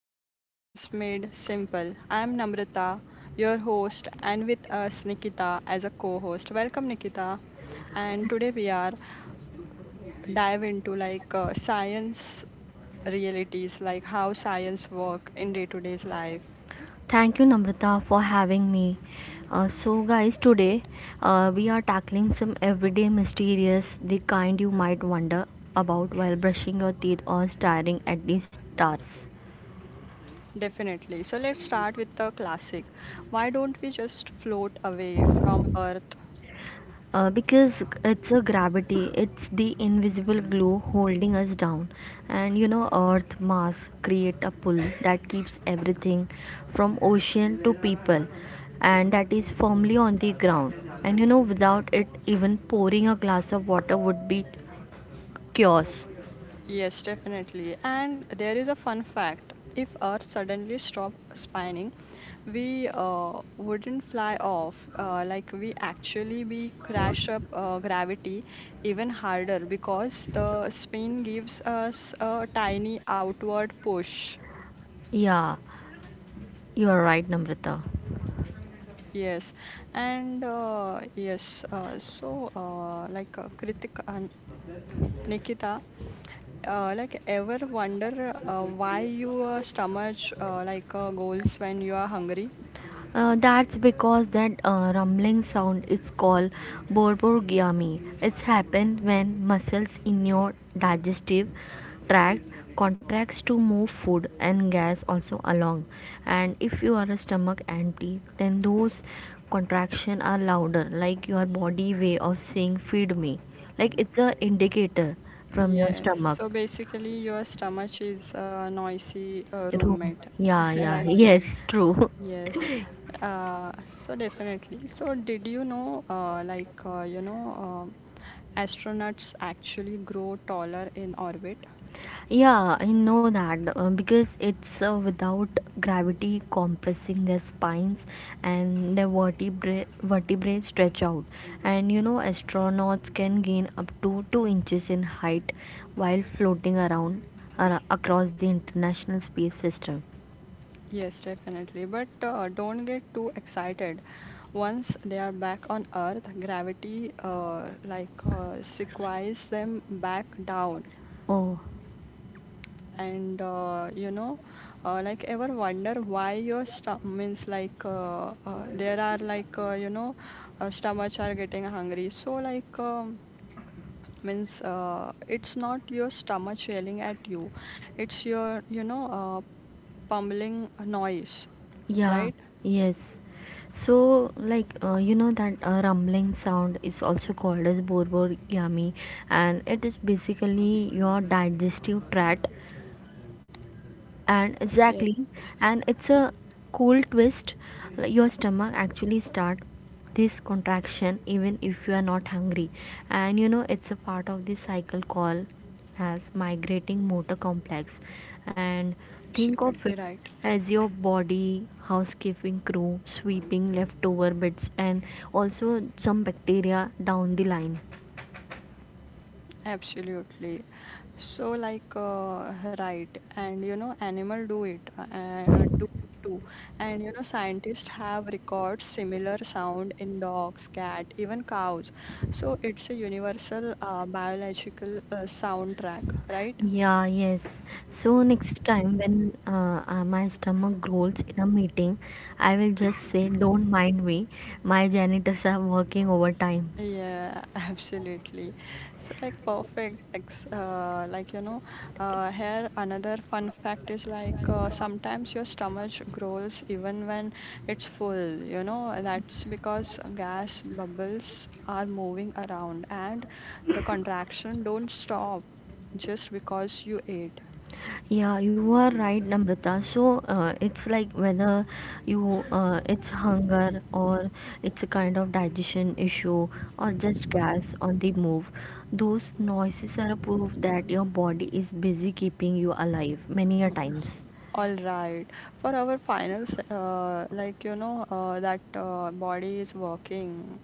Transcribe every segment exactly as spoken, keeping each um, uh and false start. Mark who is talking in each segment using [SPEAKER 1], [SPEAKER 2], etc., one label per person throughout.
[SPEAKER 1] back to Science Made Simple. I'm Namrata, your host, and with us Nikita as a co-host. Welcome Nikita. And today we are dive into like uh, science realities, like how science work in day-to-day's life.
[SPEAKER 2] Thank you, Namrata, for having me. Uh, so, guys, today uh, we are tackling some everyday mysterious, the kind you might wonder about while brushing your teeth or staring at the stars.
[SPEAKER 1] Definitely. So let's start with the classic. Why don't we just float away from Earth?
[SPEAKER 2] Uh, because it's a gravity, it's the invisible glue holding us down. And you know, Earth mass create a pull that keeps everything from ocean to people and that is firmly on the ground. And you know, without it, even pouring a glass of water would be chaos.
[SPEAKER 1] Yes, definitely. And there is a fun fact. If Earth suddenly stopped spinning, we uh, wouldn't fly off. Uh, like we actually we crash up uh, gravity even harder because the spin gives us a tiny outward push.
[SPEAKER 2] Yeah, you are right, Namrata.
[SPEAKER 1] Yes, and uh, yes. Uh, so uh, like uh, Kritika and Nikita, Uh, like ever wonder uh, why your stomach uh, like uh, goals when you are hungry?
[SPEAKER 2] Uh, that's because that uh, rumbling sound is called borborygmy. It's happened when muscles in your digestive tract contracts to move food and gas also along. And if you are a stomach empty, then those contractions are louder, like your body way of saying "feed me." Like it's a indicator from your
[SPEAKER 1] Yes.
[SPEAKER 2] stomach.
[SPEAKER 1] So basically, your stomach is a noisy uh,
[SPEAKER 2] Room.
[SPEAKER 1] roommate,
[SPEAKER 2] Yeah, yeah,
[SPEAKER 1] right?
[SPEAKER 2] yes, true.
[SPEAKER 1] Yes. Uh, so definitely. So did you know, uh, like uh, you know, um astronauts actually grow taller in orbit?
[SPEAKER 2] Yeah, I know that uh, because it's uh, without gravity compressing their spines and their vertebrae, vertebrae stretch out. And you know, astronauts can gain up to two inches in height while floating around ar- across the International Space System.
[SPEAKER 1] Yes, definitely. But uh, don't get too excited. Once they are back on Earth, gravity uh, like uh, sequoias them back down.
[SPEAKER 2] Oh.
[SPEAKER 1] And uh, you know, uh, like ever wonder why your stomach means like uh, uh, there are like uh, you know, uh, stomachs are getting hungry. So like um, means uh, it's not your stomach yelling at you, it's your you know uh, pummeling noise,
[SPEAKER 2] Yeah,
[SPEAKER 1] right?
[SPEAKER 2] yes. So, like, uh, you know that uh, rumbling sound is also called as borbor yummy, and it is basically your digestive tract and exactly
[SPEAKER 1] Yes.
[SPEAKER 2] and it's a cool twist like your stomach actually start this contraction even if you are not hungry, and you know it's a part of the cycle called as migrating motor complex, and think of it
[SPEAKER 1] Absolutely right.
[SPEAKER 2] as your body housekeeping crew sweeping leftover bits and also some bacteria down the line.
[SPEAKER 1] Absolutely. So like uh, right, and you know animal do it uh, uh, do it too, and you know scientists have records similar sound in dogs, cat, even cows. So it's a universal uh, biological uh, soundtrack, right?
[SPEAKER 2] Yeah, yes. So next time when uh, uh, my stomach growls in a meeting, I will just say, "Don't mind me. My janitors are working overtime."
[SPEAKER 1] Yeah, absolutely. So like perfect. Ex uh, Like you know, uh, here another fun fact is like uh, sometimes your stomach growls even when it's full. You know, and that's because gas bubbles are moving around and the contraction don't stop just because you ate.
[SPEAKER 2] Yeah, you are right, Namrata. So uh, it's like whether you uh, it's hunger or it's a kind of digestion issue or just gas on the move. Those noises are a proof that your body is busy keeping you alive many a times.
[SPEAKER 1] All right. For our finals, uh, like you know, uh, that uh, body is working,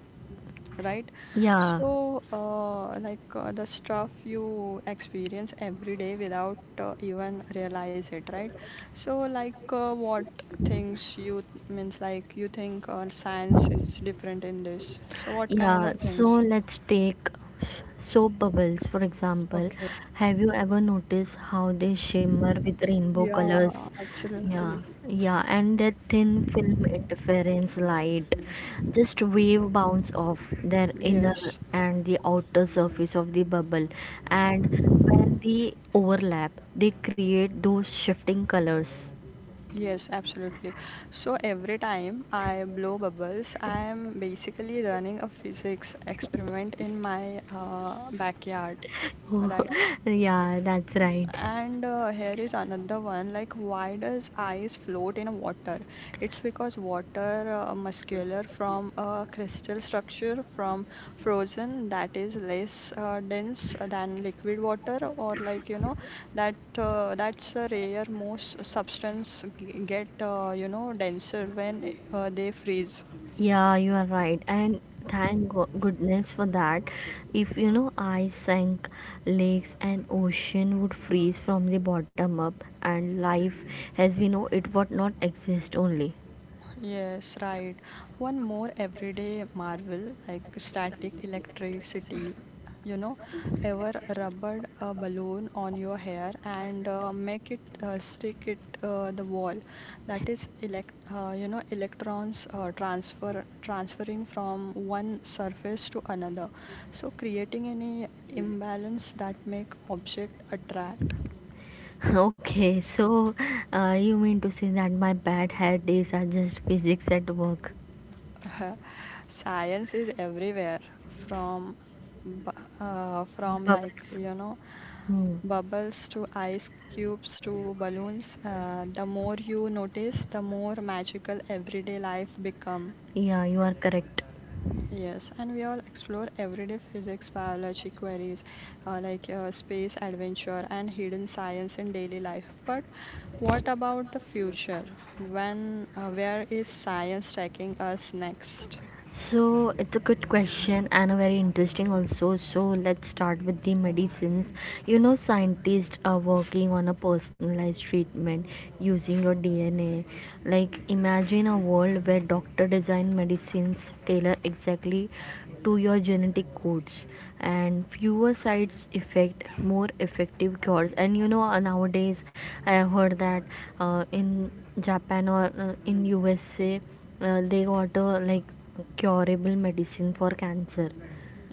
[SPEAKER 1] right?
[SPEAKER 2] Yeah.
[SPEAKER 1] So, uh, like uh, the stuff you experience every day without uh, even realize it, right? So, like uh, what things you th- means like you think uh, science is different in this. So, what kind
[SPEAKER 2] Yeah,
[SPEAKER 1] of
[SPEAKER 2] so
[SPEAKER 1] things?
[SPEAKER 2] let's take soap bubbles for example.
[SPEAKER 1] Okay.
[SPEAKER 2] Have you ever noticed how they shimmer with rainbow
[SPEAKER 1] Yeah,
[SPEAKER 2] colors? Yeah,
[SPEAKER 1] absolutely.
[SPEAKER 2] yeah, and that thin film interference light. Just wave bounce off their inner
[SPEAKER 1] Yes,
[SPEAKER 2] and the outer surface of the bubble, and when they overlap, they create those shifting colors.
[SPEAKER 1] yes, absolutely. So every time I blow bubbles, I am basically running a physics experiment in my uh, backyard,
[SPEAKER 2] Oh,
[SPEAKER 1] right?
[SPEAKER 2] yeah, that's right.
[SPEAKER 1] And uh, here is another one, like, why does ice float in water? It's because water uh, muscular from a crystal structure from frozen that is less uh, dense than liquid water, or like you know, that uh, that's a rare most substance g- get uh, you know denser when uh, they freeze.
[SPEAKER 2] Yeah, you are right, and thank go- goodness for that. If you know I sank, lakes and ocean would freeze from the bottom up, and life as we know it would not exist only.
[SPEAKER 1] Yes, right. One more everyday marvel, like static electricity. You know, ever rubber a balloon on your hair and uh, make it uh, stick it uh, the wall. That is elect uh, you know electrons uh, transfer transferring from one surface to another. So creating any imbalance that make object attract.
[SPEAKER 2] Okay, so uh, you mean to say that my bad hair days are just physics at work?
[SPEAKER 1] Science is everywhere, from bu- uh, from like
[SPEAKER 2] Bubbles.
[SPEAKER 1] you know
[SPEAKER 2] Hmm.
[SPEAKER 1] bubbles to ice cubes to balloons. Uh, the more you notice, the more magical everyday life become.
[SPEAKER 2] Yeah, you are correct.
[SPEAKER 1] Yes, and we all explore everyday physics, biology queries, uh, like uh, space adventure and hidden science in daily life. But what about the future? When, uh, where is science taking us next?
[SPEAKER 2] So it's a good question and a very interesting also. So let's start with the medicines. You know, scientists are working on a personalized treatment using your D N A. Like imagine a world where doctor design medicines tailor exactly to your genetic codes and fewer sides effect more effective cures. And you know uh, nowadays I have heard that uh, in Japan or uh, in USA uh, they got a like curable medicine for cancer.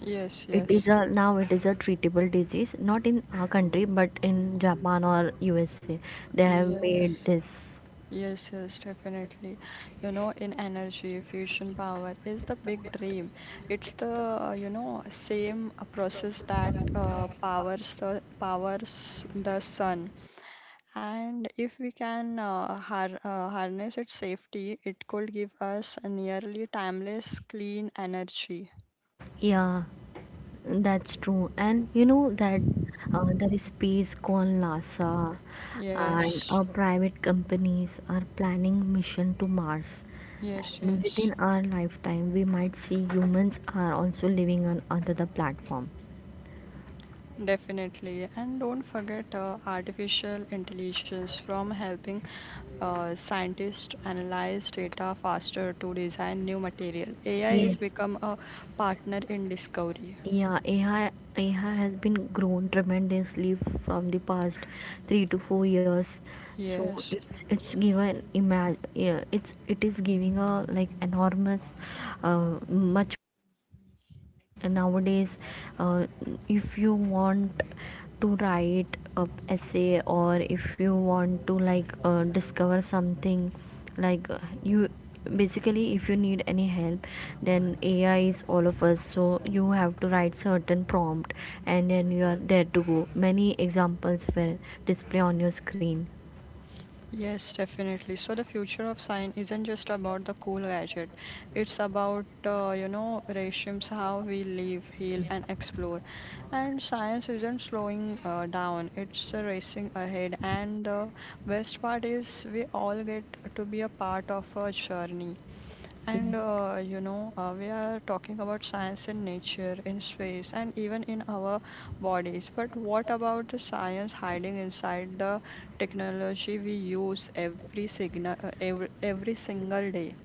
[SPEAKER 1] Yes,
[SPEAKER 2] It is
[SPEAKER 1] yes.
[SPEAKER 2] a now it is a treatable disease, not in our country but in Japan or USA they have made
[SPEAKER 1] Yes,
[SPEAKER 2] this.
[SPEAKER 1] yes, yes, definitely. You know, in energy, fusion power is the big dream. It's the, uh, you know, same uh, process that uh, powers the powers the sun. And if we can uh, har uh, harness its safety, it could give us a nearly timeless clean energy.
[SPEAKER 2] Yeah, that's true. And you know that uh, there is space called NASA, and
[SPEAKER 1] Yes,
[SPEAKER 2] uh, private companies are planning mission to Mars,
[SPEAKER 1] yes,
[SPEAKER 2] and
[SPEAKER 1] yes.
[SPEAKER 2] within our lifetime we might see humans are also living on another platform.
[SPEAKER 1] Definitely. And don't forget uh, artificial intelligence. From helping uh, scientists analyze data faster to design new material, A I
[SPEAKER 2] Yes.
[SPEAKER 1] is become a partner in discovery.
[SPEAKER 2] Yeah, A I, A I has been grown tremendously from the past three to four years. So
[SPEAKER 1] Yes,
[SPEAKER 2] it's it's given imag yeah, it's it is giving a like enormous, uh, much like nowadays, uh, if you want to write a essay or if you want to like uh, discover something like uh, you basically if you need any help, then AI is all of us, so you have to write certain prompt and then you are there to go. Many examples will display on your screen.
[SPEAKER 1] yes, definitely. So the future of science isn't just about the cool gadget. It's about uh, you know ratios, how we live, heal, and explore. And science isn't slowing uh, down. It's uh, racing ahead. And the best part is we all get to be a part of a journey. And uh, you know, uh, we are talking about science in nature, in space, and even in our bodies. But what about the science hiding inside the technology we use every signal, uh, every, every single day?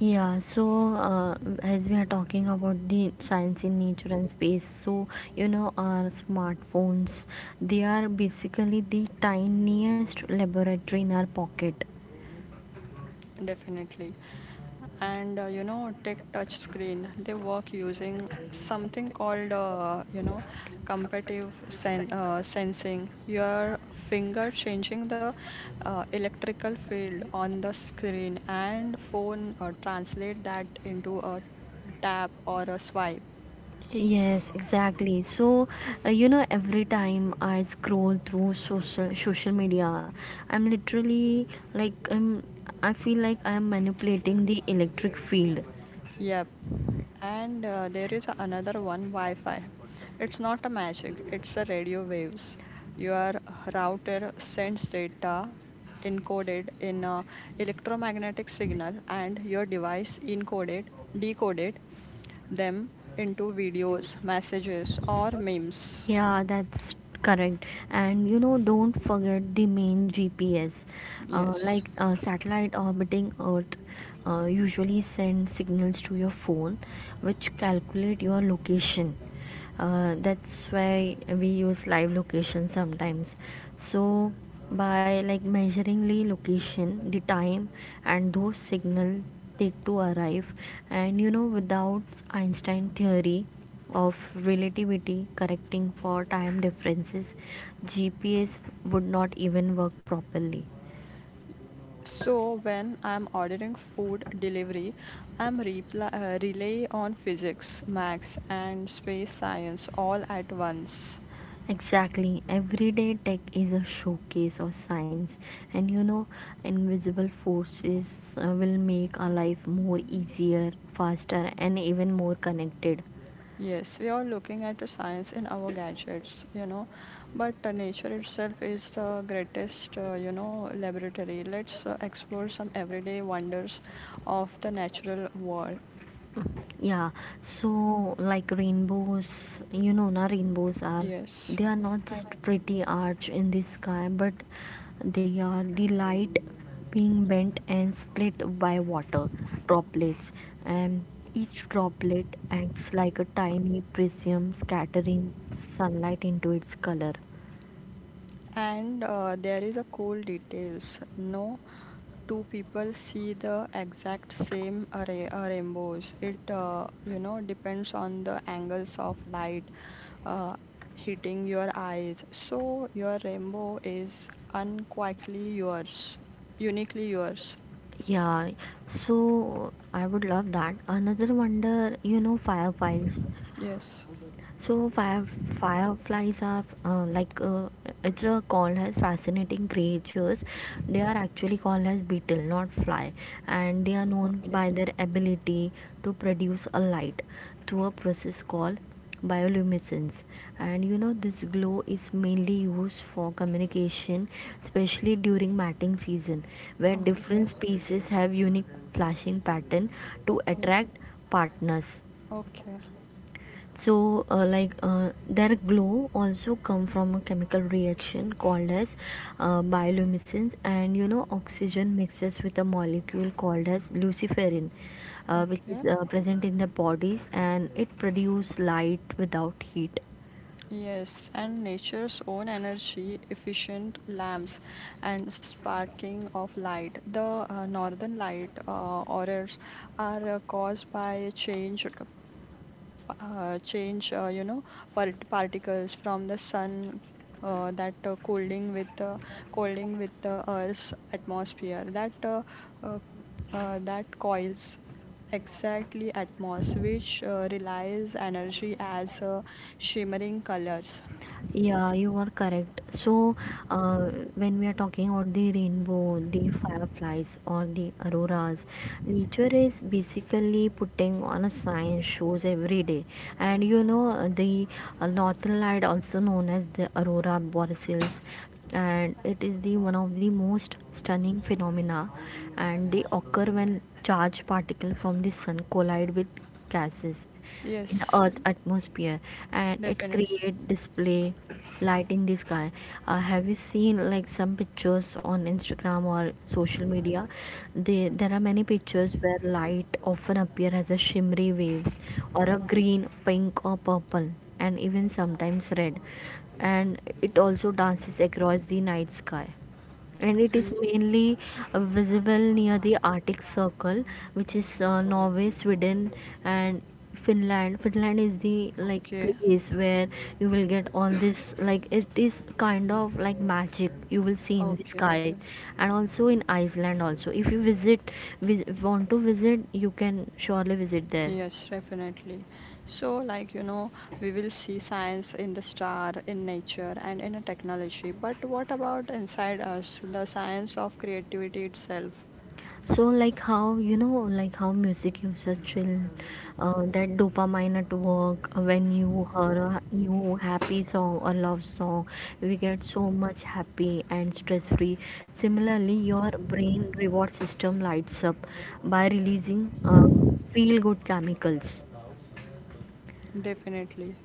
[SPEAKER 2] Yeah, so uh, as we are talking about the science in nature and space, so you know, our smartphones they are basically the tiniest laboratory in our pocket.
[SPEAKER 1] Definitely. And uh, you know tech touch screen, they work using something called uh, you know competitive sen- uh, sensing your finger changing the uh, electrical field on the screen, and phone uh, translate that into a tap or a swipe.
[SPEAKER 2] Yes, exactly. So, uh, you know, every time I scroll through social social media, I'm literally like I'm, I feel like I'm manipulating the electric field.
[SPEAKER 1] Yep. And uh, there is another one, Wi-Fi. It's not a magic, it's a radio waves. Your router sends data encoded in a electromagnetic signal and your device encoded, decoded them into videos, messages or memes.
[SPEAKER 2] Yeah, that's correct. And you know, don't forget the main G P S. Uh,
[SPEAKER 1] Yes.
[SPEAKER 2] like uh, satellite orbiting Earth uh, usually send signals to your phone, which calculate your location. Uh, that's why we use live location sometimes, so by like measuring the location the time and those signal take to arrive. And you know, without Einstein theory of relativity correcting for time differences, GPS would not even work properly.
[SPEAKER 1] So when I'm ordering food delivery, I'm reply, uh, rely on physics, max and space science all at once.
[SPEAKER 2] Exactly. Everyday tech is a showcase of science, and you know, invisible forces uh, will make our life more easier, faster, and even more connected.
[SPEAKER 1] Yes, we are looking at the science in our gadgets, you know, but uh, nature itself is the greatest, uh, you know, laboratory. Let's uh, explore some everyday wonders of the natural world.
[SPEAKER 2] Yeah, so like rainbows, you know, na rainbows are
[SPEAKER 1] Yes,
[SPEAKER 2] they are not just pretty arch in the sky, but they are the light being bent and split by water droplets, and each droplet acts like a tiny prism scattering sunlight into its color.
[SPEAKER 1] and uh, there is a cool details. No two people see the exact same array uh, rainbows. It, uh, you know, depends on the angles of light uh, hitting your eyes. So your rainbow is unquietly yours, uniquely yours.
[SPEAKER 2] Yeah, so I would love that. Another wonder, you know, fireflies.
[SPEAKER 1] Yes.
[SPEAKER 2] So fire, fireflies are uh, like uh, it's uh, called as fascinating creatures. They are actually called as beetle, not fly, and they are known
[SPEAKER 1] Okay.
[SPEAKER 2] by their ability to produce a light through a process called bioluminescence. And you know this glow is mainly used for communication, especially during mating season, where
[SPEAKER 1] Okay.
[SPEAKER 2] different species have unique flashing pattern to
[SPEAKER 1] Okay.
[SPEAKER 2] attract partners.
[SPEAKER 1] Okay.
[SPEAKER 2] So uh, like uh, their glow also come from a chemical reaction called as uh, bioluminescence, and you know oxygen mixes with a molecule called as luciferin, uh, which is
[SPEAKER 1] Okay.
[SPEAKER 2] uh, present in the bodies and it produce light without heat.
[SPEAKER 1] Yes. And nature's own energy, efficient lamps, and sparking of light. The uh, northern light uh, aurors are uh, caused by change uh, change, uh, you know, part particles from the sun uh, that uh, cooling with uh, cooling with the Earth's atmosphere that uh, uh, uh, that coils exactly atmos, which uh, relies energy as uh, shimmering colors.
[SPEAKER 2] Yeah, you are correct. So, uh, when we are talking about the rainbow, the fireflies, or the auroras, nature is basically putting on a sign shows every day. And you know, uh, the uh, northern light, also known as the aurora borealis, and it is the one of the most stunning phenomena. And they occur when charged particles from the sun collide with gases in the
[SPEAKER 1] Yes,
[SPEAKER 2] earth atmosphere, and it
[SPEAKER 1] definitely.
[SPEAKER 2] create display light in the sky. Uh, have you seen like some pictures on Instagram or social media? They, there are many pictures where light often appear as a shimmery waves or a green pink or purple and even sometimes red, and it also dances across the night sky. And it is
[SPEAKER 1] Ye-
[SPEAKER 2] mainly uh, visible near the Arctic Circle, which is uh, Norway, Sweden, and Finland. Finland is the like
[SPEAKER 1] Okay,
[SPEAKER 2] place where you will get all this, like it is kind of like magic you will see in the
[SPEAKER 1] okay,
[SPEAKER 2] sky,
[SPEAKER 1] okay.
[SPEAKER 2] and also in Iceland also. If you visit, vis- want to visit, you can surely visit there.
[SPEAKER 1] Yes, definitely. So, like, you know, we will see science in the star, in nature, and in a technology. But what about inside us, the science of creativity itself?
[SPEAKER 2] So like, how you know, like how music uses chill, uh, that dopamine at work, uh, when you hear a new happy song or love song we get so much happy and stress free. Similarly, your brain reward system lights up by releasing uh, feel good chemicals.
[SPEAKER 1] Definitely.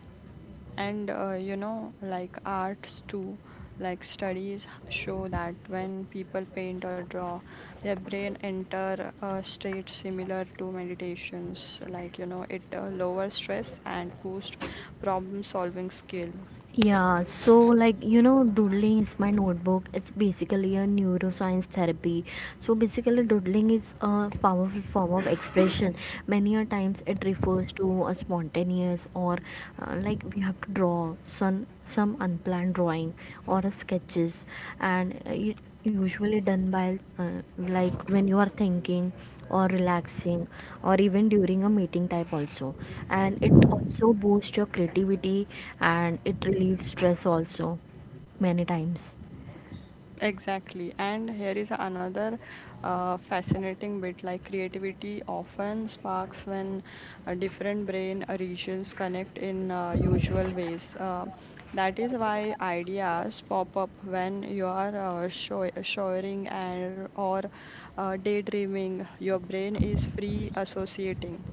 [SPEAKER 1] And, uh, you know, like arts too. Like studies show that when people paint or draw, their brain enter a state similar to meditations. Like, you know, it uh, lowers stress and boost problem solving skill.
[SPEAKER 2] Yeah, so like you know, doodling is my notebook. It's basically a neuroscience therapy. So basically, doodling is a powerful form of expression. Many a times it refers to a spontaneous or uh, like we have to draw some some unplanned drawing or a sketches, and uh, it usually done by uh, like when you are thinking or relaxing or even during a meeting type also, and it also boosts your creativity and it relieves stress also many times.
[SPEAKER 1] Exactly. And here is another uh, fascinating bit, like creativity often sparks when uh, different brain regions connect in uh, usual ways. Uh, that is why ideas pop up when you are uh, show showering and or uh, daydreaming. Your brain is free associating.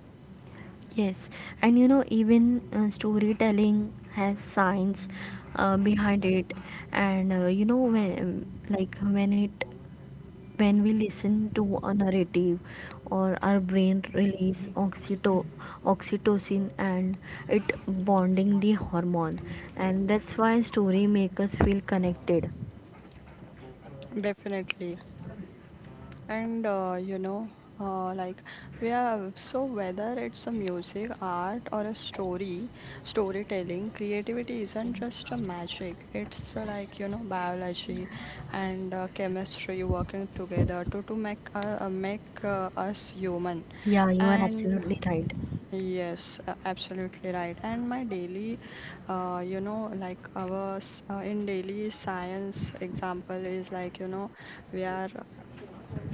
[SPEAKER 2] Yes, and you know even uh, storytelling has science uh, behind it. And uh, you know, when like when it when we listen to a narrative or our brain release oxyto- oxytocin, and it bonding the hormone, and that's why story make us feel connected.
[SPEAKER 1] Definitely. And uh, you know, uh, like we have. So whether it's a music, art, or a story, storytelling, creativity isn't just a magic. It's uh, like you know biology and uh, chemistry working together to to make uh, uh, make uh, us human.
[SPEAKER 2] Yeah, you are
[SPEAKER 1] And
[SPEAKER 2] absolutely right.
[SPEAKER 1] yes, uh, absolutely right. And my daily, uh, you know, like our s- uh, in daily science example is like you know we are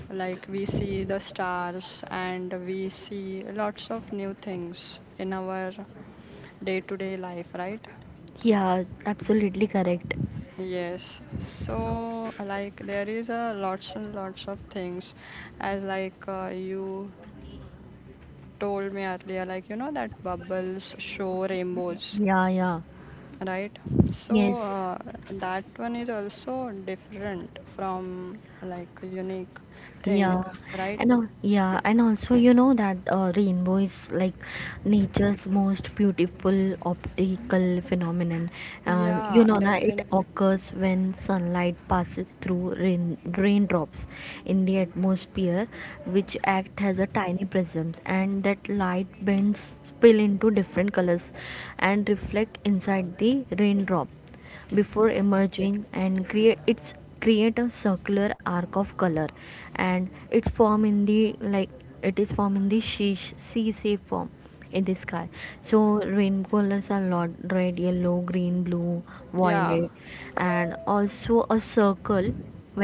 [SPEAKER 1] like we see the stars, and we see lots of new things in our day-to-day life, right?
[SPEAKER 2] Yeah, absolutely correct.
[SPEAKER 1] Yes. So like there is a lots and lots of things as, like uh, you told me earlier, like you know that bubbles show rainbows,
[SPEAKER 2] Yeah, yeah,
[SPEAKER 1] right? So
[SPEAKER 2] yes.
[SPEAKER 1] uh, that one is also different, from like unique thing,
[SPEAKER 2] Yeah,
[SPEAKER 1] right?
[SPEAKER 2] and al- yeah, and also you know that uh, rainbow is like nature's most beautiful optical phenomenon. Um, you
[SPEAKER 1] Yeah,
[SPEAKER 2] know that it
[SPEAKER 1] definitely.
[SPEAKER 2] occurs when sunlight passes through rain raindrops in the atmosphere, which act as a tiny prism, and that light bends spill into different colors and reflect inside the raindrop before
[SPEAKER 1] Okay.
[SPEAKER 2] emerging and create its create a circular arc of color. And its form in the like it is form in the sheesh sea shape form in the sky. So rain colors are lot red yellow green blue
[SPEAKER 1] Yeah.
[SPEAKER 2] violet, and also a circle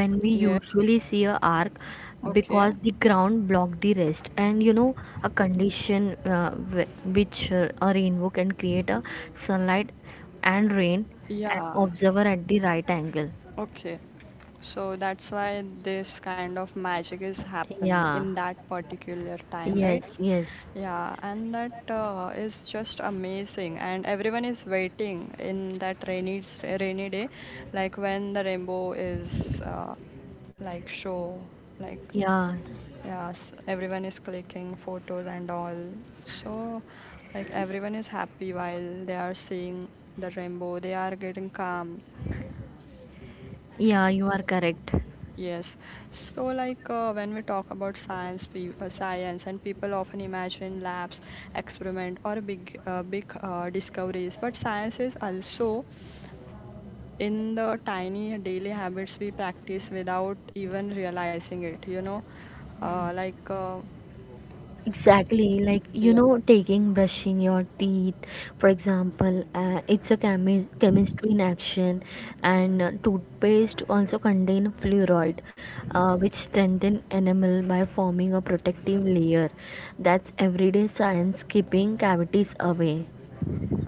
[SPEAKER 2] when we
[SPEAKER 1] Yeah.
[SPEAKER 2] usually see a arc
[SPEAKER 1] Okay,
[SPEAKER 2] because the ground blocked the rest. And you know a condition, uh, wh- which uh, a rainbow can create a sunlight and rain and
[SPEAKER 1] yeah,
[SPEAKER 2] observer at the right angle.
[SPEAKER 1] okay. So that's why this kind of magic is happen
[SPEAKER 2] Yeah,
[SPEAKER 1] in that particular time, right?
[SPEAKER 2] yes, yes.
[SPEAKER 1] Yeah, and that uh, is just amazing, and everyone is waiting in that rainy s- rainy day, like when the rainbow is uh, like show, like,
[SPEAKER 2] Yeah,
[SPEAKER 1] yes, everyone is clicking photos and all. So like everyone is happy while they are seeing the rainbow. They are getting calm.
[SPEAKER 2] yeah, you are correct.
[SPEAKER 1] Yes. So, like uh, when we talk about science, we, uh, science, and people often imagine labs, experiment, or big, uh, big uh, discoveries. But science is also in the tiny daily habits we practice without even realizing it. You know, uh, like, uh,
[SPEAKER 2] Exactly, like you know, taking brushing your teeth, for example, uh, it's a chemi- chemistry in action, and uh, toothpaste also contain fluoride, uh, which strengthen enamel by forming a protective layer. That's everyday science keeping cavities away.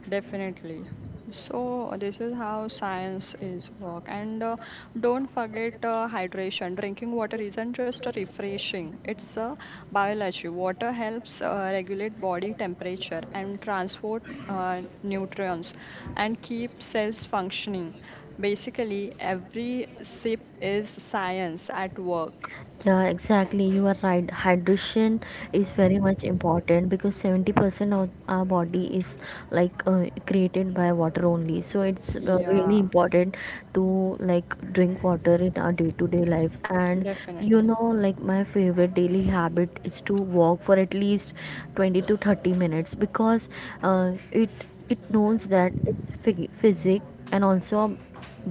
[SPEAKER 1] definitely. So this is how science is work. And uh, don't forget uh, hydration. Drinking water isn't just a refreshing; it's a biology. Water helps uh, regulate body temperature and transport uh, nutrients, and keep cells functioning. Basically, every sip is science at work.
[SPEAKER 2] Yeah, exactly. You are right. Hydration is very much important because seventy percent of our body is like uh, created by water only. So it's uh, really
[SPEAKER 1] Yeah,
[SPEAKER 2] important to like drink water in our day-to-day life. And you
[SPEAKER 1] definitely.
[SPEAKER 2] know, like my favorite daily habit is to walk for at least twenty to thirty minutes because uh, it it knows that it's phy- physic and also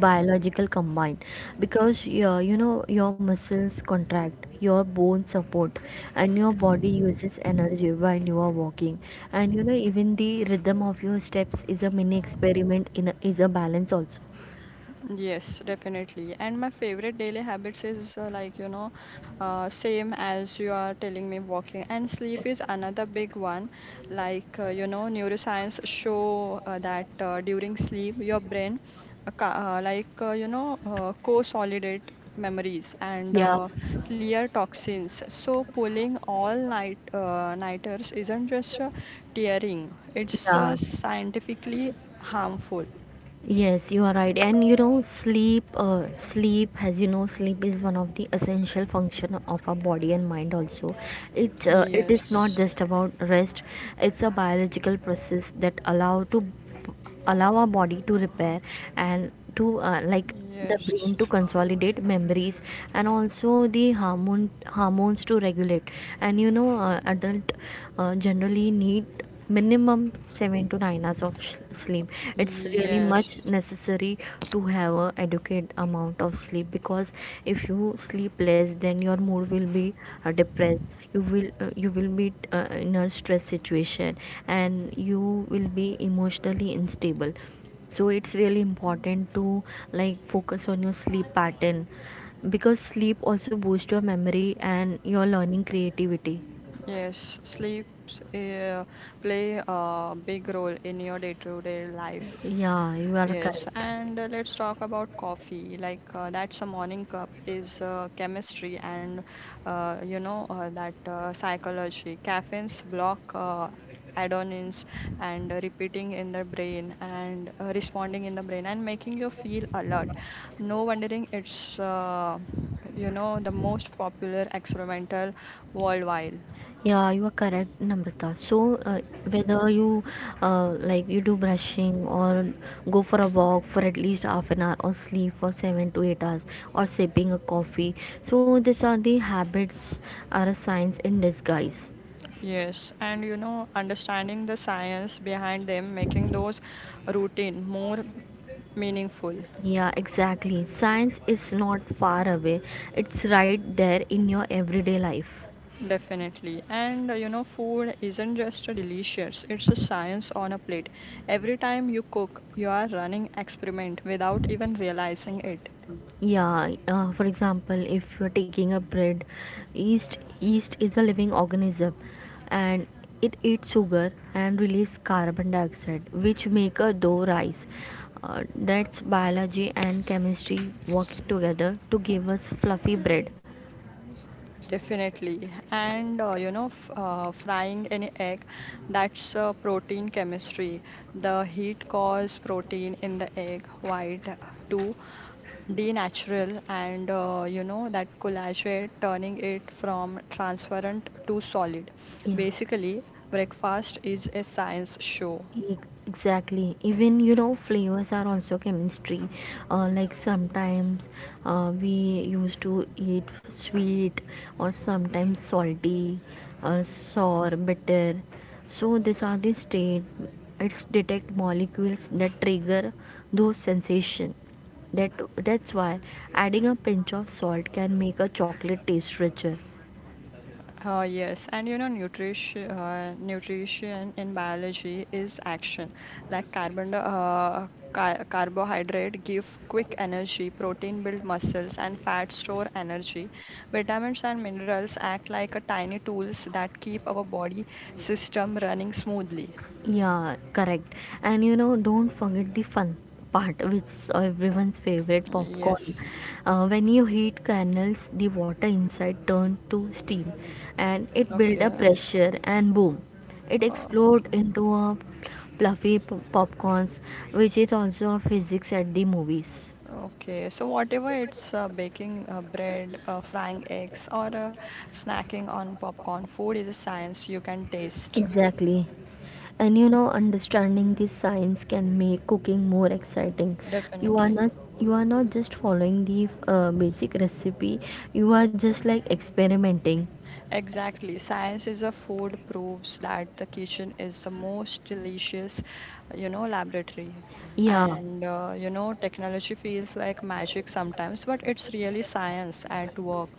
[SPEAKER 2] biological combine because your you know your muscles contract, your bones support, and your body uses energy while you are walking. And you know, even the rhythm of your steps is a mini experiment in a, is a balance also.
[SPEAKER 1] Yes, definitely. And my favorite daily habits is uh, like, you know, uh, same as you are telling me, walking. And sleep is another big one. Like, uh, you know, neuroscience show uh, that uh, during sleep, your brain, uh, ca- uh, like, uh, you know, uh, co-solidate memories and
[SPEAKER 2] Yeah,
[SPEAKER 1] uh, clear toxins. So pulling all night uh, nighters isn't just uh, tearing, it's
[SPEAKER 2] yeah.
[SPEAKER 1] uh, scientifically harmful.
[SPEAKER 2] Yes, you are right. And you know, sleep, uh, sleep, as you know, sleep is one of the essential function of our body and mind. Also, it uh, it is not
[SPEAKER 1] Yes.
[SPEAKER 2] just about rest. It's a biological process that allow to allow our body to repair and to uh, like the
[SPEAKER 1] Yes,
[SPEAKER 2] brain to consolidate memories, and also the hormone hormones to regulate. And you know, uh, adult uh, generally need minimum seven to nine hours of sh- sleep. It's really
[SPEAKER 1] yes,
[SPEAKER 2] much necessary to have a adequate amount of sleep, because if you sleep less then your mood will be uh, depressed, you will uh, you will be uh, in a stress situation, and you will be emotionally unstable. So it's really important to like focus on your sleep pattern, because sleep also boosts your memory and your learning creativity.
[SPEAKER 1] yes. Sleeps uh, play a big role in your day-to-day life.
[SPEAKER 2] Yeah, you are
[SPEAKER 1] Yes,
[SPEAKER 2] correct.
[SPEAKER 1] and uh, let's talk about coffee. Like uh, that's a morning cup is uh, chemistry and uh, you know uh, that uh, psychology. Caffeines block uh, adenines and repeating in the brain and uh, responding in the brain and making you feel alert. No wondering it's uh, you know the most popular experimental worldwide.
[SPEAKER 2] Yeah, you are correct, Namrata. So uh, whether you uh, like you do brushing, or go for a walk for at least half an hour, or sleep for seven to eight hours, or sipping a coffee, so these are the habits are a signs in disguise.
[SPEAKER 1] Yes, and you know understanding the science behind them, making those routine more meaningful,
[SPEAKER 2] Yeah, exactly. Science is not far away, it's right there in your everyday life.
[SPEAKER 1] definitely. And uh, you know, food isn't just a delicious, it's a science on a plate. Every time you cook, you are running experiment without even realizing it.
[SPEAKER 2] Yeah, uh, for example, if you're taking a bread, yeast, yeast is a living organism, and it eats sugar and release carbon dioxide, which make a dough rise. Uh, that's biology and chemistry working together to give us fluffy bread.
[SPEAKER 1] Definitely. And uh, you know, f uh, frying any egg, that's uh, protein chemistry. The heat causes protein in the egg white uh, to D natural and uh, you know that collagenate turning it from transparent to solid.
[SPEAKER 2] Yeah.
[SPEAKER 1] Basically, breakfast is a science show.
[SPEAKER 2] E- Exactly. Even you know, flavors are also chemistry. Uh, like sometimes uh, we used to eat sweet, or sometimes salty, uh, sour, bitter. So these are the state. It's detect molecules that trigger those sensation. That that's why adding a pinch of salt can make a chocolate taste richer.
[SPEAKER 1] Uh, yes, and you know nutrition uh, nutrition in biology is action. Like carbon uh, car- carbohydrate give quick energy, protein build muscles and fat store energy. Vitamins and minerals act like a tiny tools that keep our body system running smoothly.
[SPEAKER 2] Yeah, correct. And you know, don't forget the fun part, which is everyone's favorite popcorn.
[SPEAKER 1] Yes.
[SPEAKER 2] Uh, when you heat kernels, the water inside turns to steam, and it builds
[SPEAKER 1] Okay.
[SPEAKER 2] a pressure, and boom, it
[SPEAKER 1] Oh,
[SPEAKER 2] explodes
[SPEAKER 1] okay.
[SPEAKER 2] into a fluffy p- popcorns, which is also a physics at the movies.
[SPEAKER 1] Okay. So whatever it's uh, baking uh, bread, uh, frying eggs, or uh, snacking on popcorn, food is a science you can taste.
[SPEAKER 2] Exactly. And you know, understanding this science can make cooking more exciting. You are
[SPEAKER 1] Definitely.
[SPEAKER 2] not you are not just following the uh, basic recipe. You are just like experimenting.
[SPEAKER 1] Exactly. Science is a food proves that the kitchen is the most delicious, you know, laboratory.
[SPEAKER 2] Yeah.
[SPEAKER 1] And, uh, you know, technology feels like magic sometimes, but it's really science at work.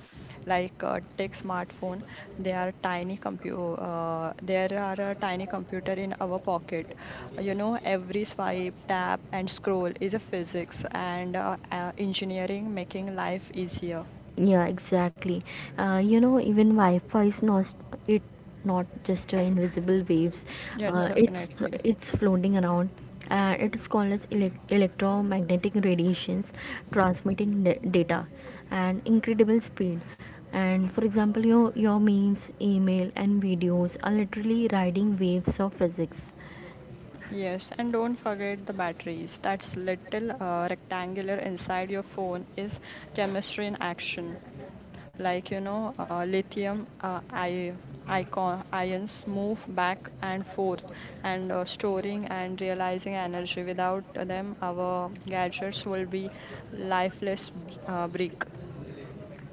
[SPEAKER 1] Like uh, take smartphone, they are tiny compu uh, there are a tiny computer in our pocket. You know, every swipe, tap, and scroll is a physics and uh, uh, engineering making life easier.
[SPEAKER 2] Yeah, exactly. Uh, you know, even Wi-Fi is not it not just uh, invisible waves.
[SPEAKER 1] Yeah,
[SPEAKER 2] Uh, Yeah. it's
[SPEAKER 1] definitely.
[SPEAKER 2] it's floating around. Uh, it is called as elec electromagnetic radiations, transmitting da- data and incredible speed. And for example, your your memes, email, and videos are literally riding waves of physics.
[SPEAKER 1] Yes, and don't forget the batteries. That's little uh, rectangular inside your phone is chemistry in action. Like you know, uh, lithium uh, I, icon, ions move back and forth, and uh, storing and realizing energy. Without them, our gadgets will be lifeless b- uh, brick.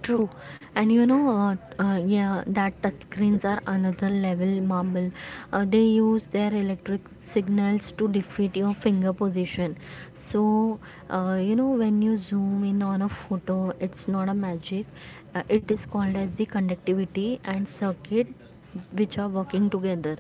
[SPEAKER 2] True, and you know, uh, uh, yeah, that touchscreens are another level marble. Uh, they use their electric signals to defeat your finger position. So, uh, you know, when you zoom in on a photo, it's not a magic. Uh, it is called as the conductivity and circuit, which are working together.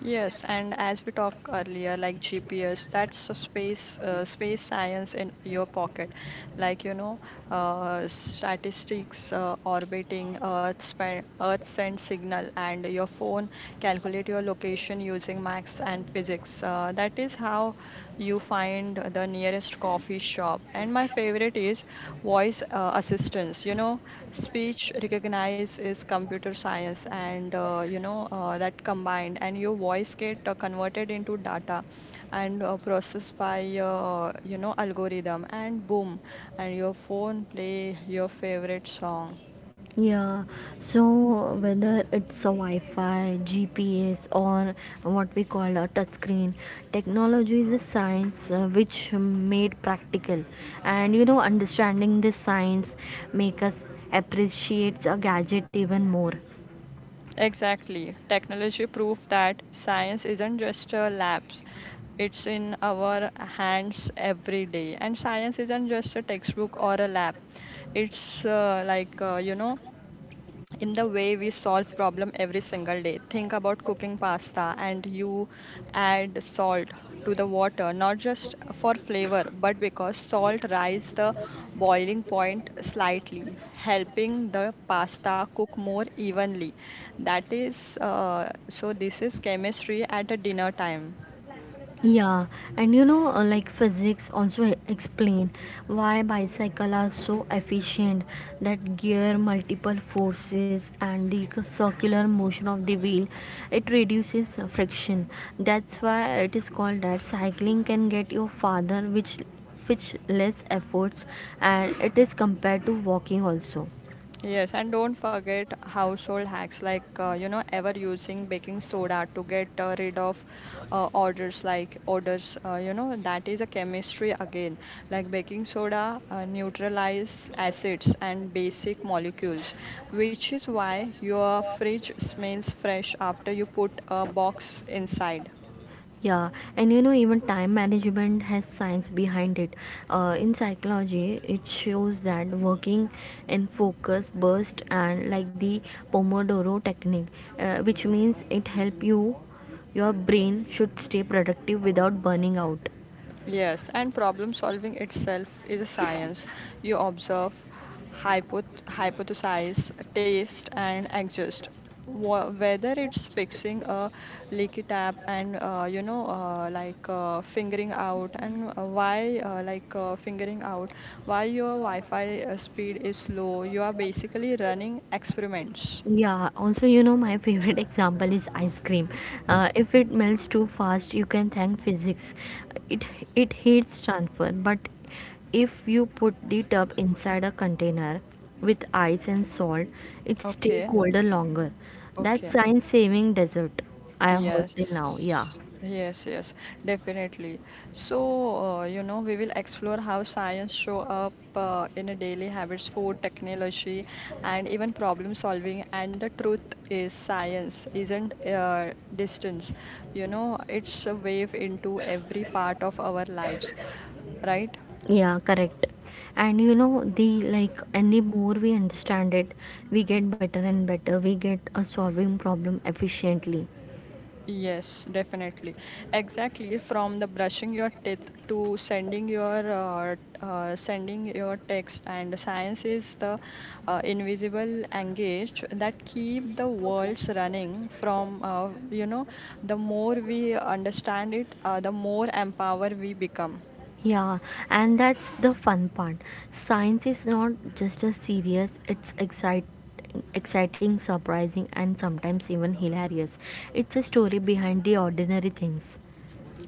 [SPEAKER 1] Yes, and as we talked earlier, like G P S, that's a space uh, space science in your pocket. Like you know, uh, statistics, uh, orbiting Earth, span, Earth send signal, and your phone calculate your location using max and physics. Uh, that is how you find the nearest coffee shop. And my favorite is voice uh, assistance. You know, speech recognize is computer science, and uh, you know uh, that combined, and your voice get uh, converted into data and uh, processed by uh, you know algorithm, and boom, and your phone play your favorite song.
[SPEAKER 2] Yeah, so whether it's a Wi Fi, G P S, or what we call a touchscreen, technology is a science uh, which made practical. And you know, understanding this science make us appreciate a gadget even more.
[SPEAKER 1] Exactly. Technology proof that science isn't just a lab; it's in our hands every day. And science isn't just a textbook or a lab. It's uh, like, uh, you know, in the way we solve problem every single day. Think about cooking pasta and you add salt to the water not just for flavor, but because salt rise the boiling point slightly, helping the pasta cook more evenly. That is uh, so this is chemistry at a dinner time.
[SPEAKER 2] Yeah, and you know, uh, like physics also e- explain why bicycles are so efficient, that gear multiple forces and the c- circular motion of the wheel, it reduces uh, friction. That's why it is called that cycling can get you farther, which which less efforts, and it is compared to walking also.
[SPEAKER 1] Yes, and don't forget household hacks like uh, you know ever using baking soda to get uh, rid of uh, odors like odors. Uh, you know that is a chemistry again. Like baking soda uh, neutralize acids and basic molecules, which is why your fridge smells fresh after you put a box inside.
[SPEAKER 2] Yeah, and you know, even time management has science behind it. Uh, in psychology, it shows that working in focus, burst, and like the Pomodoro technique, uh, which means it help you, your brain should stay productive without burning out.
[SPEAKER 1] Yes, and problem solving itself is a science. You observe, hypoth hypothesize, taste, and adjust. Wha- Whether it's fixing a leaky tap and uh, you know, uh, like uh, figuring out and uh, why, uh, like uh, figuring out why your Wi-Fi uh, speed is slow, you are basically running experiments.
[SPEAKER 2] Yeah, also, you know, my favorite example is ice cream. Uh, if it melts too fast, you can thank physics. It it heats transfer, but if you put it up inside a container with ice and salt, it stay
[SPEAKER 1] Okay,
[SPEAKER 2] colder longer. That's
[SPEAKER 1] okay.
[SPEAKER 2] science saving dessert. I have heard till now. Yeah.
[SPEAKER 1] Yes, yes, yes, definitely. So, uh, you know, we will explore how science show up uh, in a daily habits, food, technology, and even problem solving. And the truth is, science isn't uh, distance. You know, it's a wave into every part of our lives, right?
[SPEAKER 2] Yeah, correct. And you know, the like, and the more we understand it, we get better and better. We get a solving problem efficiently.
[SPEAKER 1] Yes, definitely. Exactly. From the brushing your teeth to sending your uh, uh, sending your text, and science is the uh, invisible engage that keep the worlds running. From uh, you know, the more we understand it, uh, the more empowered we become.
[SPEAKER 2] Yeah, and that's the fun part. Science is not just a serious, it's excite, exciting, surprising, and sometimes even hilarious. It's a story behind the ordinary things.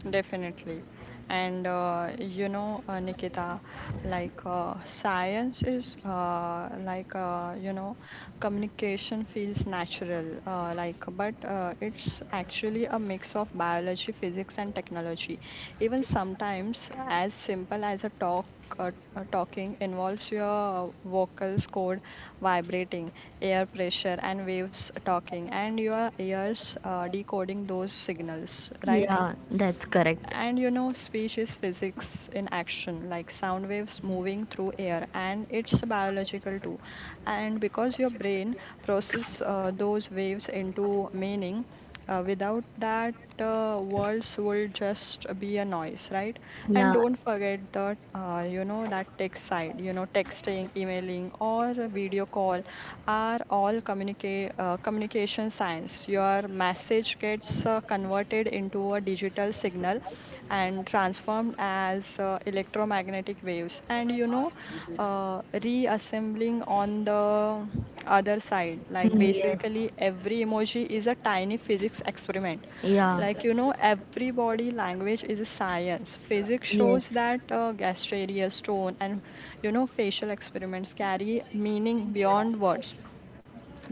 [SPEAKER 1] Definitely. And uh, you know, uh, Nikita, like uh, science is uh, like, uh, you know, communication feels natural, uh, like, but uh, it's actually a mix of biology, physics, and technology. Even sometimes, as simple as a talk. Uh, uh, talking involves your vocals cord vibrating, air pressure, and waves talking, and your ears uh, decoding those signals, right?
[SPEAKER 2] Yeah, that's correct.
[SPEAKER 1] And you know speech is physics in action, like sound waves moving through air, and it's biological too, and because your brain process uh, those waves into meaning. Uh, without that, uh, words will just be a noise, right? And
[SPEAKER 2] Yeah.
[SPEAKER 1] don't forget that, uh, you know, that text side, you know, texting, emailing, or a video call are all communica- uh, communication science. Your message gets uh, converted into a digital signal and transformed as uh, electromagnetic waves. And, you know, uh, reassembling on the other side. Like
[SPEAKER 2] Mm, yes,
[SPEAKER 1] basically, every emoji is a tiny physics experiment.
[SPEAKER 2] yeah,
[SPEAKER 1] Like you know, every body language is a science. Physics
[SPEAKER 2] yes,
[SPEAKER 1] shows that uh, gastraria, stone, and you know, facial experiments carry meaning beyond words.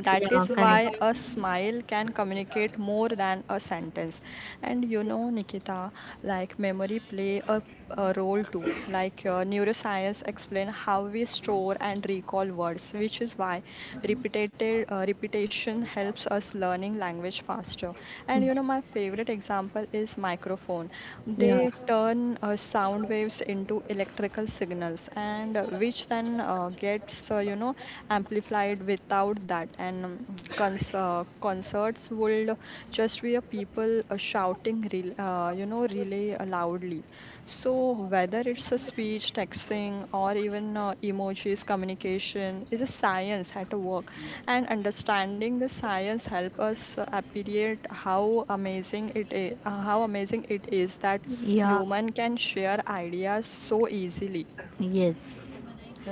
[SPEAKER 1] That
[SPEAKER 2] yeah,
[SPEAKER 1] is
[SPEAKER 2] correct.
[SPEAKER 1] why a smile can communicate more than a sentence. And you know, Nikita, like memory play a, a role too. Like uh, neuroscience explain how we store and recall words, which is why repeated uh, repetition helps us learning language faster. And you know, my favorite example is microphone.
[SPEAKER 2] Yeah,
[SPEAKER 1] They turn uh, sound waves into electrical signals, and uh, which then uh, gets uh, you know amplified without that. And um, cons- uh, concerts would just be a people uh, shouting, rel uh, you know, really loudly. So, whether it's a speech, texting, or even uh, emojis communication, is a science at work. And understanding the science help us uh, appreciate how amazing it is, uh, how amazing it is that
[SPEAKER 2] yeah,
[SPEAKER 1] human can share ideas so easily.
[SPEAKER 2] yes,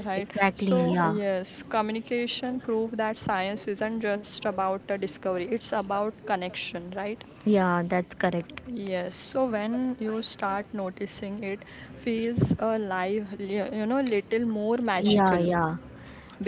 [SPEAKER 1] Right.
[SPEAKER 2] exactly.
[SPEAKER 1] So,
[SPEAKER 2] Yeah,
[SPEAKER 1] yes, communication prove that science isn't just about a discovery; it's about connection. Right.
[SPEAKER 2] yeah, that's correct.
[SPEAKER 1] Yes, so when you start noticing it feels a life, li- you know, little more
[SPEAKER 2] Yeah,
[SPEAKER 1] magical
[SPEAKER 2] yeah,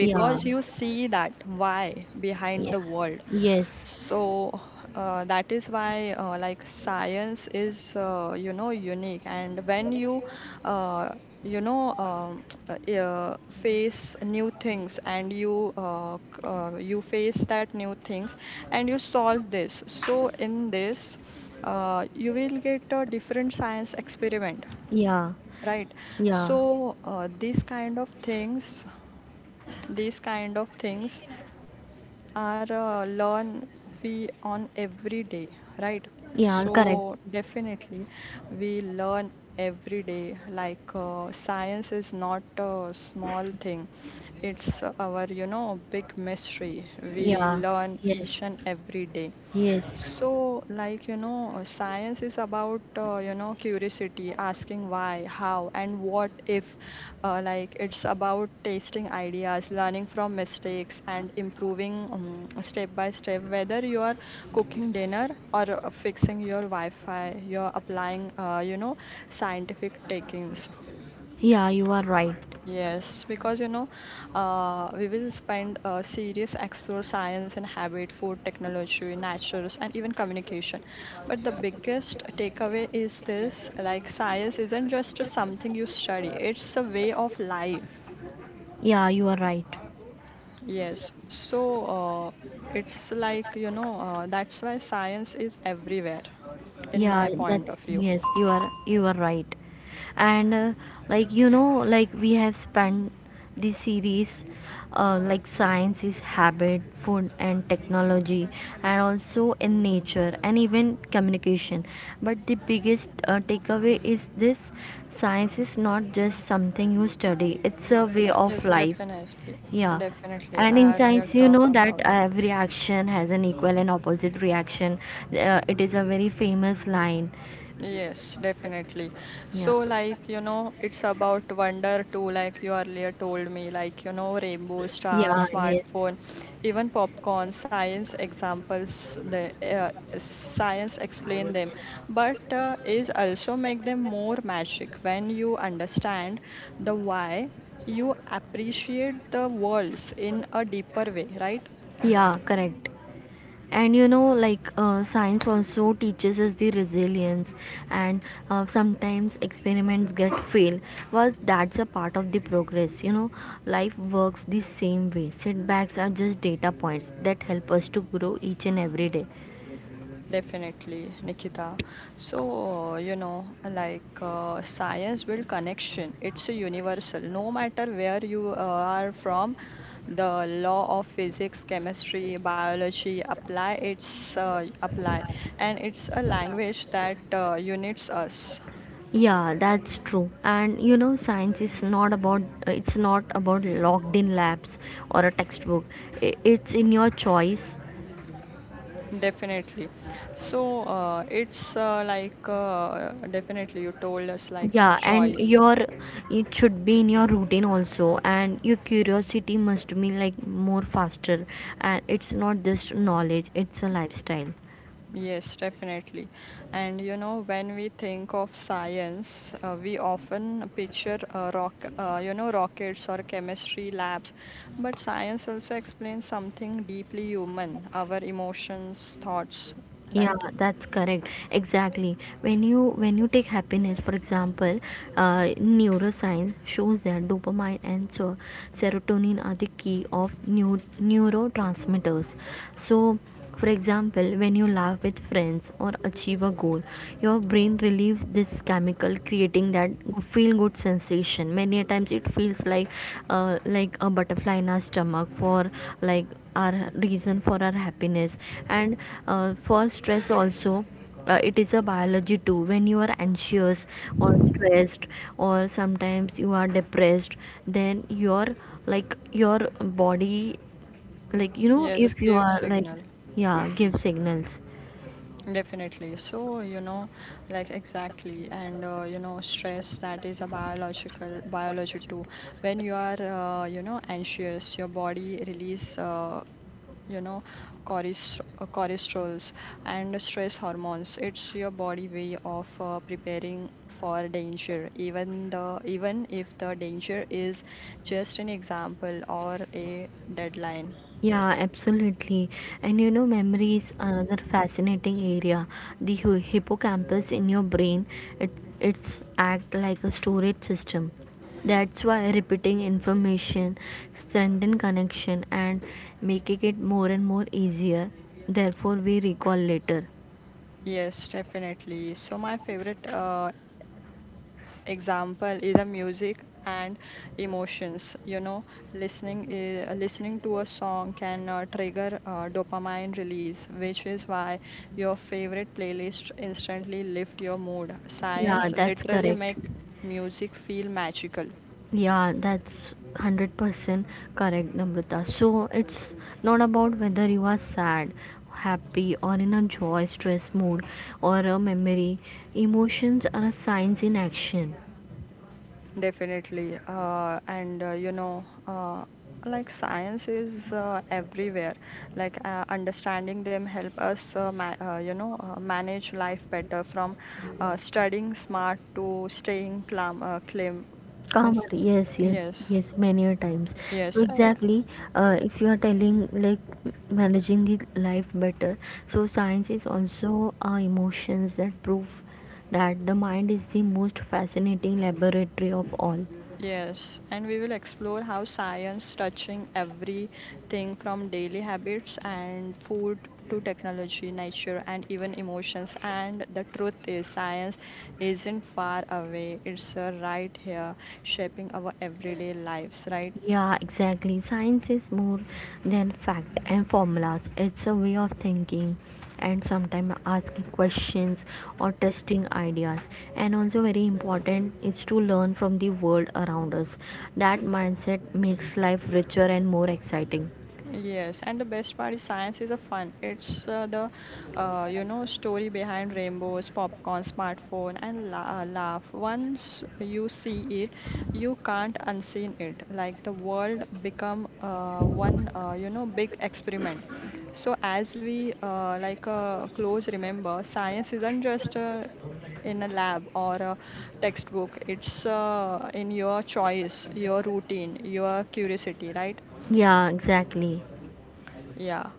[SPEAKER 2] yeah,
[SPEAKER 1] you see that why behind
[SPEAKER 2] yeah,
[SPEAKER 1] the world.
[SPEAKER 2] yes.
[SPEAKER 1] So uh, that is why uh, like science is uh, you know unique, and when you uh, you know um, uh, uh, face new things, and you uh, c- uh, you face that new things and you solve this. So in this uh, you will get a different science experiment,
[SPEAKER 2] Yeah,
[SPEAKER 1] right?
[SPEAKER 2] yeah,
[SPEAKER 1] So uh, these kind of things, these kind of things are uh, learn we on every day, right?
[SPEAKER 2] yeah,
[SPEAKER 1] So
[SPEAKER 2] correct.
[SPEAKER 1] definitely, we learn every day. Like uh, science is not a small thing; it's our, you know, big mystery we
[SPEAKER 2] Yeah,
[SPEAKER 1] learn each
[SPEAKER 2] yes,
[SPEAKER 1] and every day.
[SPEAKER 2] yes.
[SPEAKER 1] So, like, you know, uh, science is about, uh, you know, curiosity, asking why, how, and what if. Uh, like, it's about tasting ideas, learning from mistakes, and improving um, step by step, whether you are cooking dinner or uh, fixing your Wi Fi, you're applying, uh, you know, scientific techniques.
[SPEAKER 2] Yeah, you are right.
[SPEAKER 1] Yes, because you know, uh, we will spend uh, serious explore science and habit, food technology, natures, and even communication. But the biggest takeaway is this: like science isn't just something you study; it's a way of life.
[SPEAKER 2] Yeah, you are right.
[SPEAKER 1] Yes, so uh, it's like you know uh, that's why science is everywhere, in
[SPEAKER 2] Yeah,
[SPEAKER 1] my point
[SPEAKER 2] that's
[SPEAKER 1] of view.
[SPEAKER 2] yes, you are you are right. And uh, like you know, like we have spent the series uh, like science is habit, food and technology, and also in nature and even communication. But the biggest uh, takeaway is this: science is not just something you study, it's a way of
[SPEAKER 1] Yes,
[SPEAKER 2] life.
[SPEAKER 1] definitely,
[SPEAKER 2] Yeah.
[SPEAKER 1] definitely.
[SPEAKER 2] And in
[SPEAKER 1] I earlier
[SPEAKER 2] science, you
[SPEAKER 1] talk
[SPEAKER 2] know that uh,
[SPEAKER 1] about.
[SPEAKER 2] every action has an equal and opposite reaction. Uh, it is a very famous line.
[SPEAKER 1] Yes, definitely.
[SPEAKER 2] Yeah.
[SPEAKER 1] So, like, you know, it's about wonder too, like you earlier told me, like, you know, rainbow star,
[SPEAKER 2] Yeah, yes.
[SPEAKER 1] smartphone, even popcorn, science examples, the uh, science explain them, but uh, is also make them more magic. When you understand the why, you appreciate the worlds in a deeper way, right?
[SPEAKER 2] Yeah, correct. And you know, like uh, science also teaches us the resilience, and uh, sometimes experiments get fail. Was that's a part of the progress. You know, life works the same way. Setbacks are just data points that help us to grow each and every day.
[SPEAKER 1] Definitely, Nikita. So, you know, like uh, science build connection. It's a universal. No matter where you uh, are from, the law of physics, chemistry, biology apply. It's uh, apply, and it's a language that uh, unites us.
[SPEAKER 2] Yeah, that's true. And you know, science is not about it's not about locked in labs or a textbook. I- It's in your choice.
[SPEAKER 1] Definitely. So uh, it's uh, like uh, definitely you told us like your
[SPEAKER 2] Yeah, and
[SPEAKER 1] choice.
[SPEAKER 2] your it should be in your routine also. And your curiosity must be like more faster. And it's not just knowledge; it's a lifestyle.
[SPEAKER 1] Yes, definitely. And you know, when we think of science, uh, we often picture uh, rock, uh, you know, rockets or chemistry labs, but science also explains something deeply human, our emotions, thoughts,
[SPEAKER 2] Yeah,
[SPEAKER 1] right?
[SPEAKER 2] that's correct. Exactly, when you when you take happiness for example, uh, neuroscience shows that dopamine and so serotonin are the key of new neurotransmitters. So for example, when you laugh with friends or achieve a goal, your brain relieves this chemical, creating that feel good sensation. Many a times it feels like uh, like a butterfly in our stomach for like our reason for our happiness. And uh, for stress also, uh, it is a biology too. When you are anxious or stressed or sometimes you are depressed, then your like your body, like you know,
[SPEAKER 1] Yes,
[SPEAKER 2] if you
[SPEAKER 1] give
[SPEAKER 2] are like,
[SPEAKER 1] signal.
[SPEAKER 2] yeah, give signals.
[SPEAKER 1] Definitely. So, you know, like exactly. And, uh, you know, stress that is a biological, biology too. When you are, uh, you know, anxious, your body release uh, you know, choris- uh, cholesterols and stress hormones. It's your body way of uh, preparing for danger, even the even if the danger is just an example or a deadline.
[SPEAKER 2] Yeah, absolutely. And you know, memory is another fascinating area. The hu- hippocampus in your brain, it it's act like a storage system. That's why repeating information strengthen connection and making it more and more easier. Therefore, we recall later.
[SPEAKER 1] Yes, definitely. So my favorite uh, example is a music and emotions, you know. Listening i- listening to a song can uh, trigger uh, dopamine release, which is why your favorite playlist instantly lift your mood.
[SPEAKER 2] Yeah,
[SPEAKER 1] Science
[SPEAKER 2] that's
[SPEAKER 1] literally
[SPEAKER 2] correct.
[SPEAKER 1] make music feel magical.
[SPEAKER 2] Yeah, that's one hundred percent correct, Namrata. So it's not about whether you are sad, happy, or in a joy, stress mood, or a memory. Emotions are signs in action.
[SPEAKER 1] Definitely. Uh, and uh, you know, uh, like Science is uh, everywhere. Like uh, understanding them help us, uh, ma uh, you know, uh, manage life better from uh, studying smart to staying calm, uh, calm. Means,
[SPEAKER 2] Calmer, yes, yes,
[SPEAKER 1] yes,
[SPEAKER 2] yes, many a times. So
[SPEAKER 1] yes, I.
[SPEAKER 2] exactly, uh, if you are telling like managing the life better, so science is also uh, emotions that prove that the mind is the most fascinating laboratory of all.
[SPEAKER 1] Yes, and we will explore how science touching everything from daily habits and food to technology, nature, and even emotions. And the truth is, science isn't far away, it's uh, right here, shaping our everyday lives, right?
[SPEAKER 2] Yeah, exactly. Science is more than fact and formulas. It's a way of thinking, and sometimes asking questions or testing ideas. And also very important is to learn from the world around us. That mindset makes life richer and more exciting.
[SPEAKER 1] Yes, and the best part is science is a fun. It's uh, the uh, you know story behind rainbows, popcorn, smartphone, and la- uh, laugh. Once you see it, you can't unseen it. Like the world become uh, one uh, you know big experiment. So as we uh, like uh, close, remember science isn't just uh, in a lab or a textbook. It's uh, in your choice, your routine, your curiosity, right?
[SPEAKER 2] Yeah, exactly.
[SPEAKER 1] Yeah.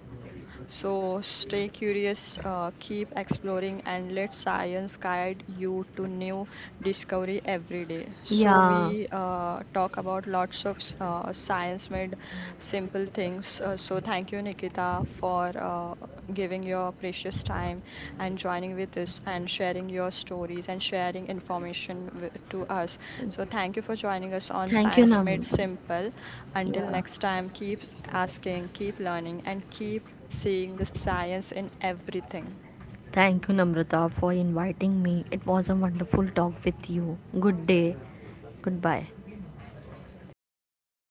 [SPEAKER 1] So stay curious, uh, keep exploring, and let science guide you to new discovery every day. So
[SPEAKER 2] Yeah.
[SPEAKER 1] we uh, talk about lots of uh, science-made simple things. Uh, so thank you, Nikita, for uh, giving your precious time and joining with us and sharing your stories and sharing information wi- to us. So thank you for joining us on
[SPEAKER 2] Thank you,
[SPEAKER 1] Science Made
[SPEAKER 2] Nam.
[SPEAKER 1] Simple. Until
[SPEAKER 2] Yeah.
[SPEAKER 1] next time, keep asking, keep learning, and keep seeing the science in everything.
[SPEAKER 2] Thank you, Namrata, for inviting me. It was a wonderful talk with you. Good day. Goodbye.